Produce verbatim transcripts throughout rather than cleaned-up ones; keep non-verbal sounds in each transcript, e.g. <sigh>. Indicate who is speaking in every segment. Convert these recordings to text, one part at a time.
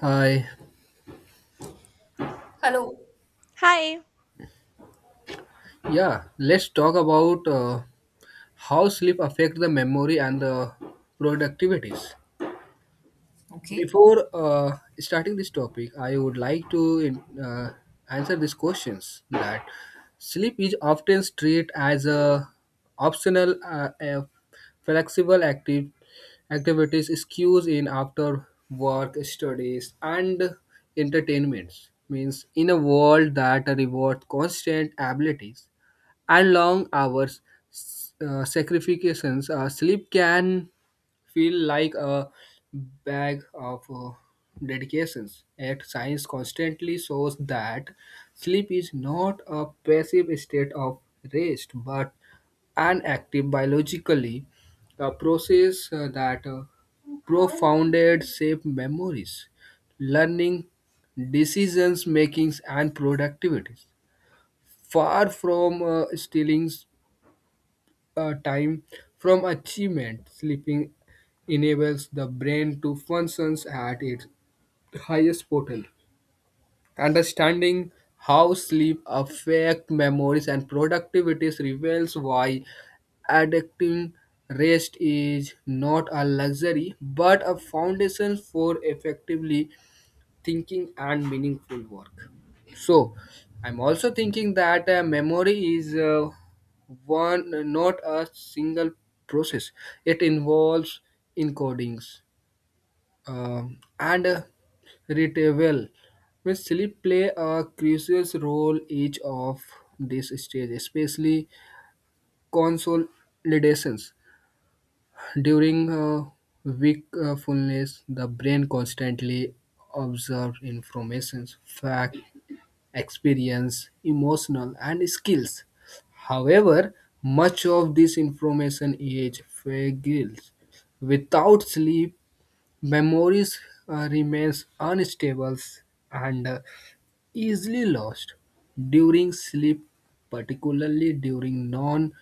Speaker 1: Hi.
Speaker 2: Hello.
Speaker 3: Hi.
Speaker 1: Yeah, let's talk about uh, how sleep affect the memory and the productivities.
Speaker 2: Okay.
Speaker 1: Before uh, starting this topic, I would like to uh, answer these questions that sleep is often treated as a optional uh, a flexible active activities skews in after work studies and entertainments means in a world that rewards constant abilities and long hours, s- uh, sacrifications. Uh, sleep can feel like a bag of uh, dedications. Yet science constantly shows that sleep is not a passive state of rest, but an active biologically a process uh, that uh, profounded shape memories, learning, decisions makings, and productivity far from uh, stealing uh, time from achievement. Sleeping enables the brain to function at its highest potential. Understanding how sleep affects memories and productivity reveals why adapting rest is not a luxury but a foundation for effectively thinking and meaningful work. So, I'm also thinking that uh, memory is uh, one not a single process. It involves encodings um, and uh, retrieval. Means sleep play a crucial role each of these stages, especially consolidations. During uh, wakefulness, the brain constantly observes information, fact, experience, emotional, and skills. However, much of this information is fragile. Without sleep, memories uh, remains unstable and uh, easily lost during sleep, particularly during non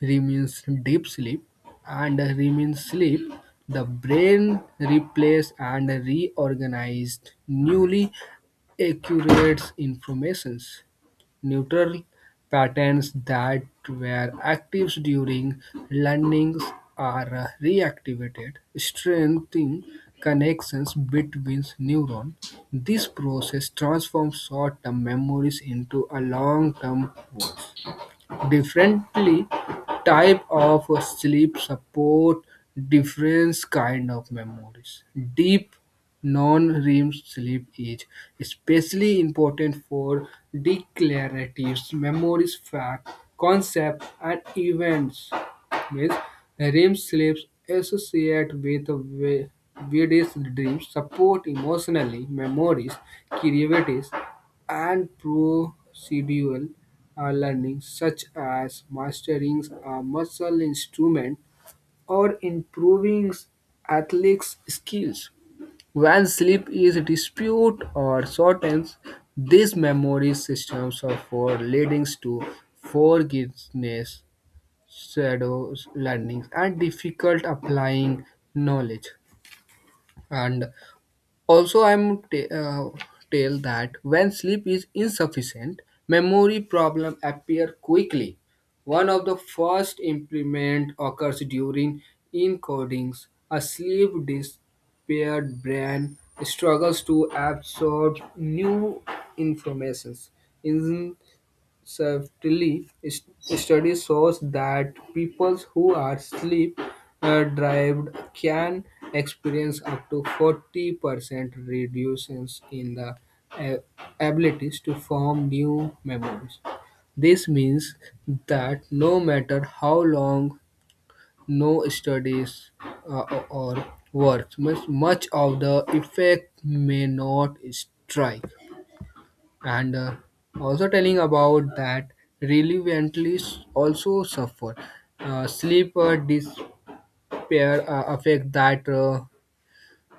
Speaker 1: remains deep sleep, and remains sleep, the brain replaces and reorganizes newly accurate informations. Neural patterns that were active during learnings are uh, reactivated, strengthening connections between neurons. This process transforms short-term memories into a long-term. Differently type of sleep support different kind of memories. Deep non-REM sleep is especially important for declarative memories, fact, concepts, and events. Means REM sleeps associate with vi- vivid dreams, support emotionally memories, creativity, and procedural uh, learning, such as mastering a muscle instrument or improving athletics skills. When sleep is disputed or shortens, these memory systems are for leading to forgiveness, shadows, learning, and difficult applying knowledge. And also, I'm t- uh, tell that when sleep is insufficient, memory problem appear quickly. One of the first impairment occurs during encodings. A sleep impaired brain struggles to absorb new informations. In Certainly, s- study shows that people who are sleep uh, deprived can experience up to forty percent reductions in the uh, abilities to form new memories. This means that no matter how long no studies uh, or or works, much much of the effect may not strike and uh, also telling about that relevantly s- also suffer uh, sleep uh, despair uh, affect that uh,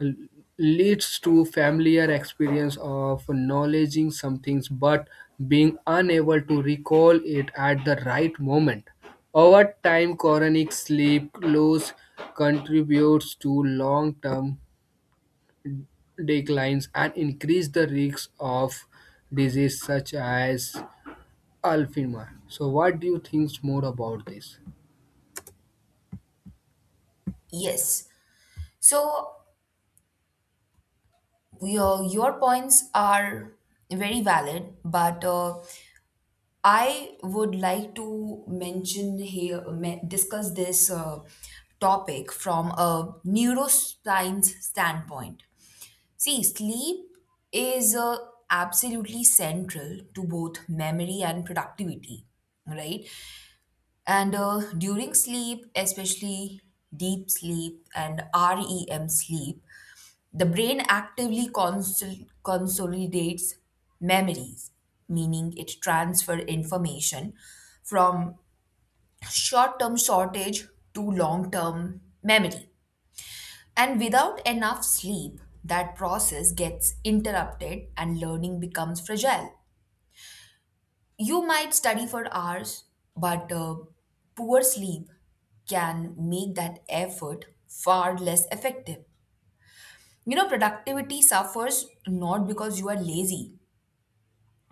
Speaker 1: l- leads to familiar experience of acknowledging some things but being unable to recall it at the right moment over time chronic sleep loss contributes to long-term declines and increase the risk of disease such as Alfima. So, what do you think more about this?
Speaker 2: Yes. So your your points are very valid, but uh, I would like to mention here me- discuss this uh, topic from a neuroscience standpoint. See, sleep is uh, absolutely central to both memory and productivity, right? And uh, during sleep, especially deep sleep and REM sleep, the brain actively consol- consolidates memories, meaning it transfers information from short term shortage to long term memory. And without enough sleep, that process gets interrupted and learning becomes fragile. You might study for hours, but uh, poor sleep can make that effort far less effective. You know, productivity suffers not because you are lazy,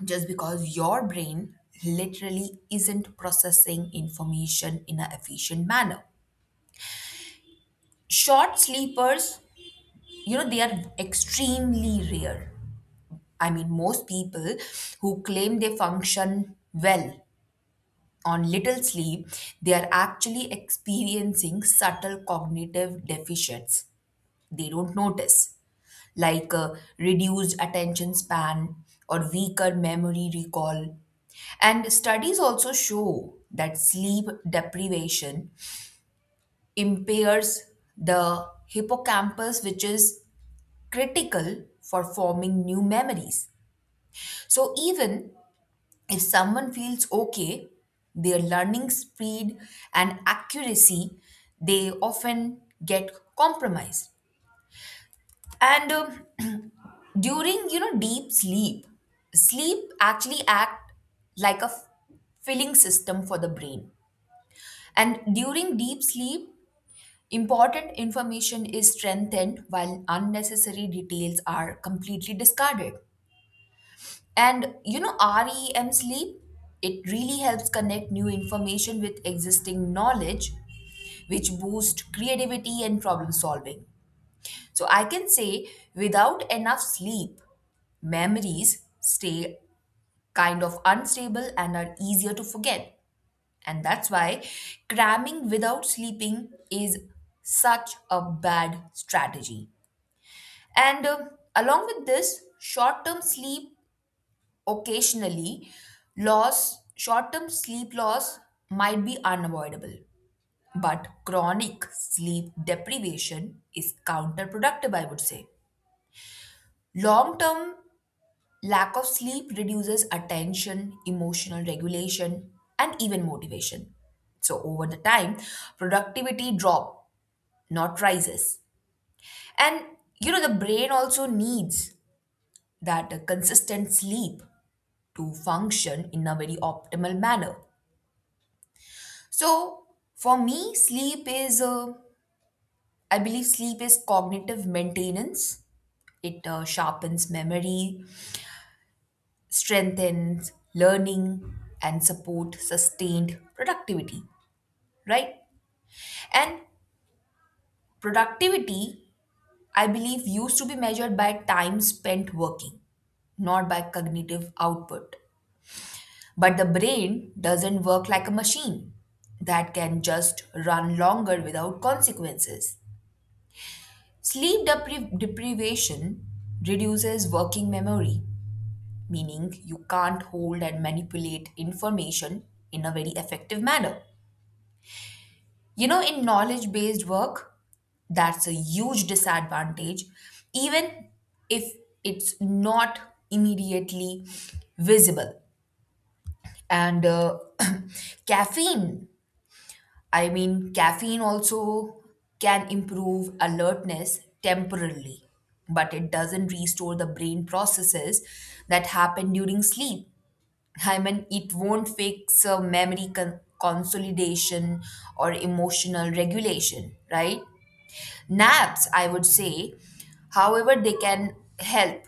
Speaker 2: just because your brain literally isn't processing information in an efficient manner. Short sleepers, you know, they are extremely rare. I mean, most people who claim they function well on little sleep, they are actually experiencing subtle cognitive deficits. They don't notice. Like uh, reduced attention span or weaker memory recall. And studies also show that sleep deprivation impairs the hippocampus, which is critical for forming new memories. So, even if someone feels okay, their learning speed and accuracy they often get compromised. And um, <clears throat> during, you know, deep sleep, sleep actually act like a f- filling system for the brain. And during deep sleep, important information is strengthened while unnecessary details are completely discarded. And you know, REM sleep, it really helps connect new information with existing knowledge, which boosts creativity and problem solving. So I can say without enough sleep, memories stay kind of unstable and are easier to forget. And that's why cramming without sleeping is such a bad strategy. And um, along with this, short term sleep occasionally loss, short term sleep loss might be unavoidable. But chronic sleep deprivation is counterproductive, I would say. Long term lack of sleep reduces attention, emotional regulation, and even motivation. So over the time, productivity drop, not rises. And you know the brain also needs that uh, consistent sleep to function in a very optimal manner. So for me, sleep is uh, I believe sleep is cognitive maintenance. It uh, sharpens memory, strengthens learning and support sustained productivity, right? And productivity, I believe, used to be measured by time spent working, not by cognitive output. But the brain doesn't work like a machine that can just run longer without consequences. Sleep depri- deprivation reduces working memory, meaning you can't hold and manipulate information in a very effective manner. You know, in knowledge based work, that's a huge disadvantage, even if it's not immediately visible. And uh, <clears throat> caffeine, I mean, caffeine also can improve alertness temporarily, but it doesn't restore the brain processes that happen during sleep. I mean, it won't fix uh, memory con- consolidation or emotional regulation, right? Naps, I would say, however, they can help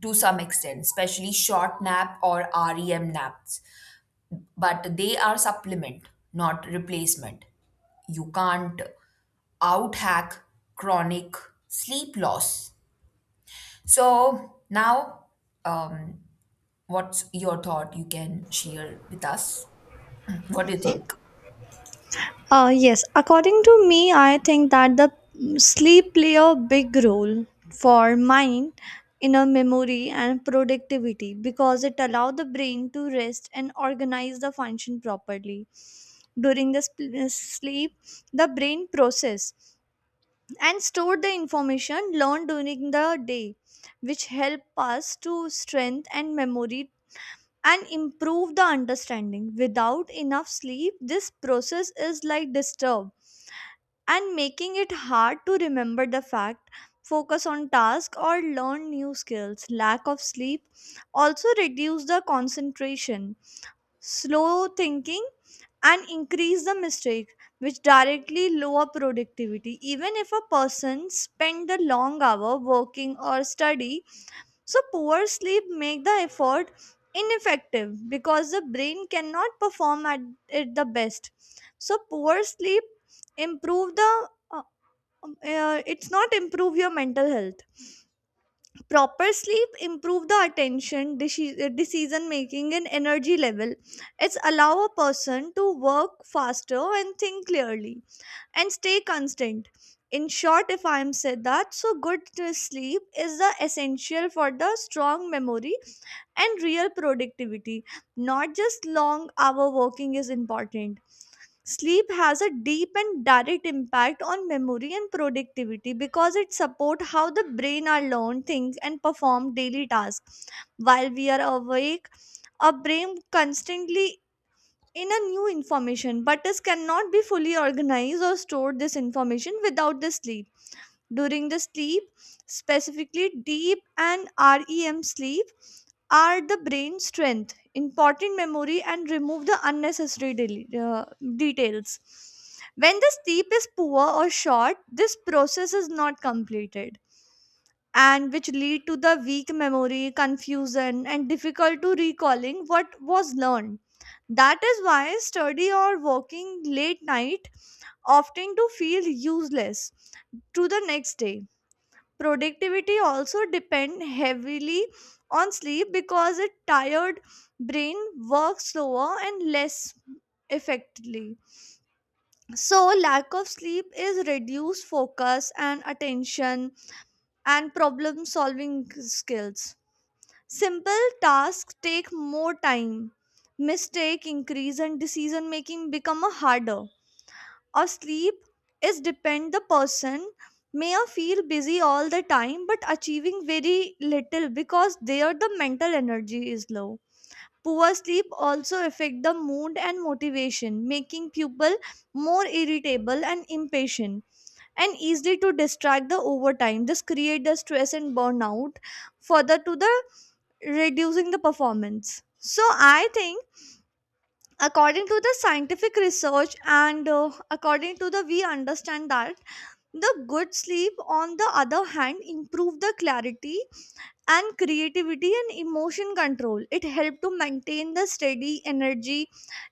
Speaker 2: to some extent, especially short nap or REM naps, but they are supplement, not replacement. You can't out hack chronic sleep loss. So, now, um, what's your thought you can share with us? <clears throat> What do you think?
Speaker 3: Uh, yes, according to me, I think that the mm, sleep play a big role for mind, inner memory, and productivity because it allow the brain to rest and organize the function properly. During the sp- uh, sleep, the brain process and store the information learned during the day, which help us to strength and memory and improve the understanding. Without enough sleep, this process is like disturbed and making it hard to remember the fact, focus on task or learn new skills. Lack of sleep also reduce the concentration, slow thinking and increase the mistake which directly lower productivity even if a person spend the long hour working or study. So poor sleep make the effort ineffective because the brain cannot perform at it the best. So poor sleep improve the uh, um, uh, it's not improve your mental health. Proper sleep improve the attention, deci- uh, decision making, and energy level. It's allow a person to work faster and think clearly and stay constant. In short, if I'm said that, so good uh, sleep is the essential for the strong memory and real productivity. Not just long hour working is important. Sleep has a deep and direct impact on memory and productivity because it supports how the brain are learn, think, and perform daily tasks. While we are awake, our brain constantly in a new information, but it cannot be fully organized or stored this information without the sleep. During the sleep, specifically deep and R E M sleep, are the brain strength, important memory, and remove the unnecessary del- uh, details. When the sleep is poor or short, this process is not completed and which lead to the weak memory, confusion, and difficult to recalling what was learned. That is why study or working late night often to feel useless to the next day. Productivity also depend heavily on sleep because a tired brain works slower and less effectively. So lack of sleep is reduced focus and attention and problem solving skills. Simple tasks take more time, mistake increase and decision making become a harder or sleep is depend the person may or feel busy all the time but achieving very little because there the mental energy is low. Poor sleep also affect the mood and motivation, making people more irritable and impatient and easily to distract the overtime. This create the stress and burnout further to the reducing the performance. So I think, according to the scientific research and uh, according to the we understand that the good sleep, on the other hand, improved the clarity and creativity and emotion control. It helped to maintain the steady energy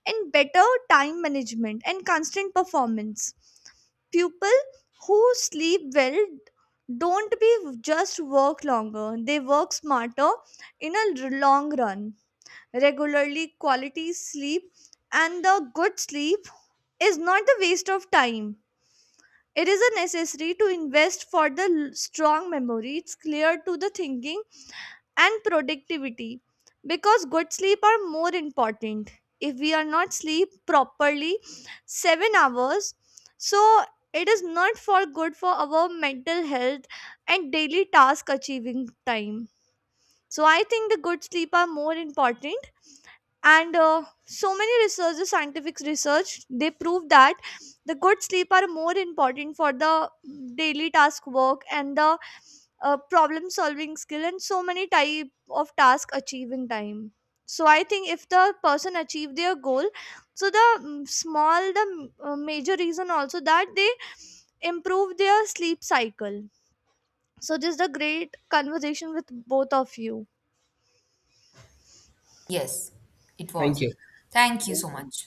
Speaker 3: and better time management and constant performance. People who sleep well don't be just work longer, they work smarter in a r- long run. Regularly, quality sleep and the good sleep is not a waste of time. It is a necessary to invest for the l- strong memory. It's clear to the thinking and productivity because good sleep are more important. If we are not sleep properly, seven hours, so it is not for good for our mental health and daily task achieving time. So I think the good sleep are more important and uh, so many researchers scientific research they prove that the good sleep are more important for the daily task work and the uh, problem solving skill and so many type of task achieving time. So I think if the person achieve their goal, so the mm, small the mm, uh, major reason also that they improve their sleep cycle. So this is the great conversation with both of you.
Speaker 2: Yes, it
Speaker 1: Thank
Speaker 2: was.
Speaker 1: you.
Speaker 2: Thank you so much.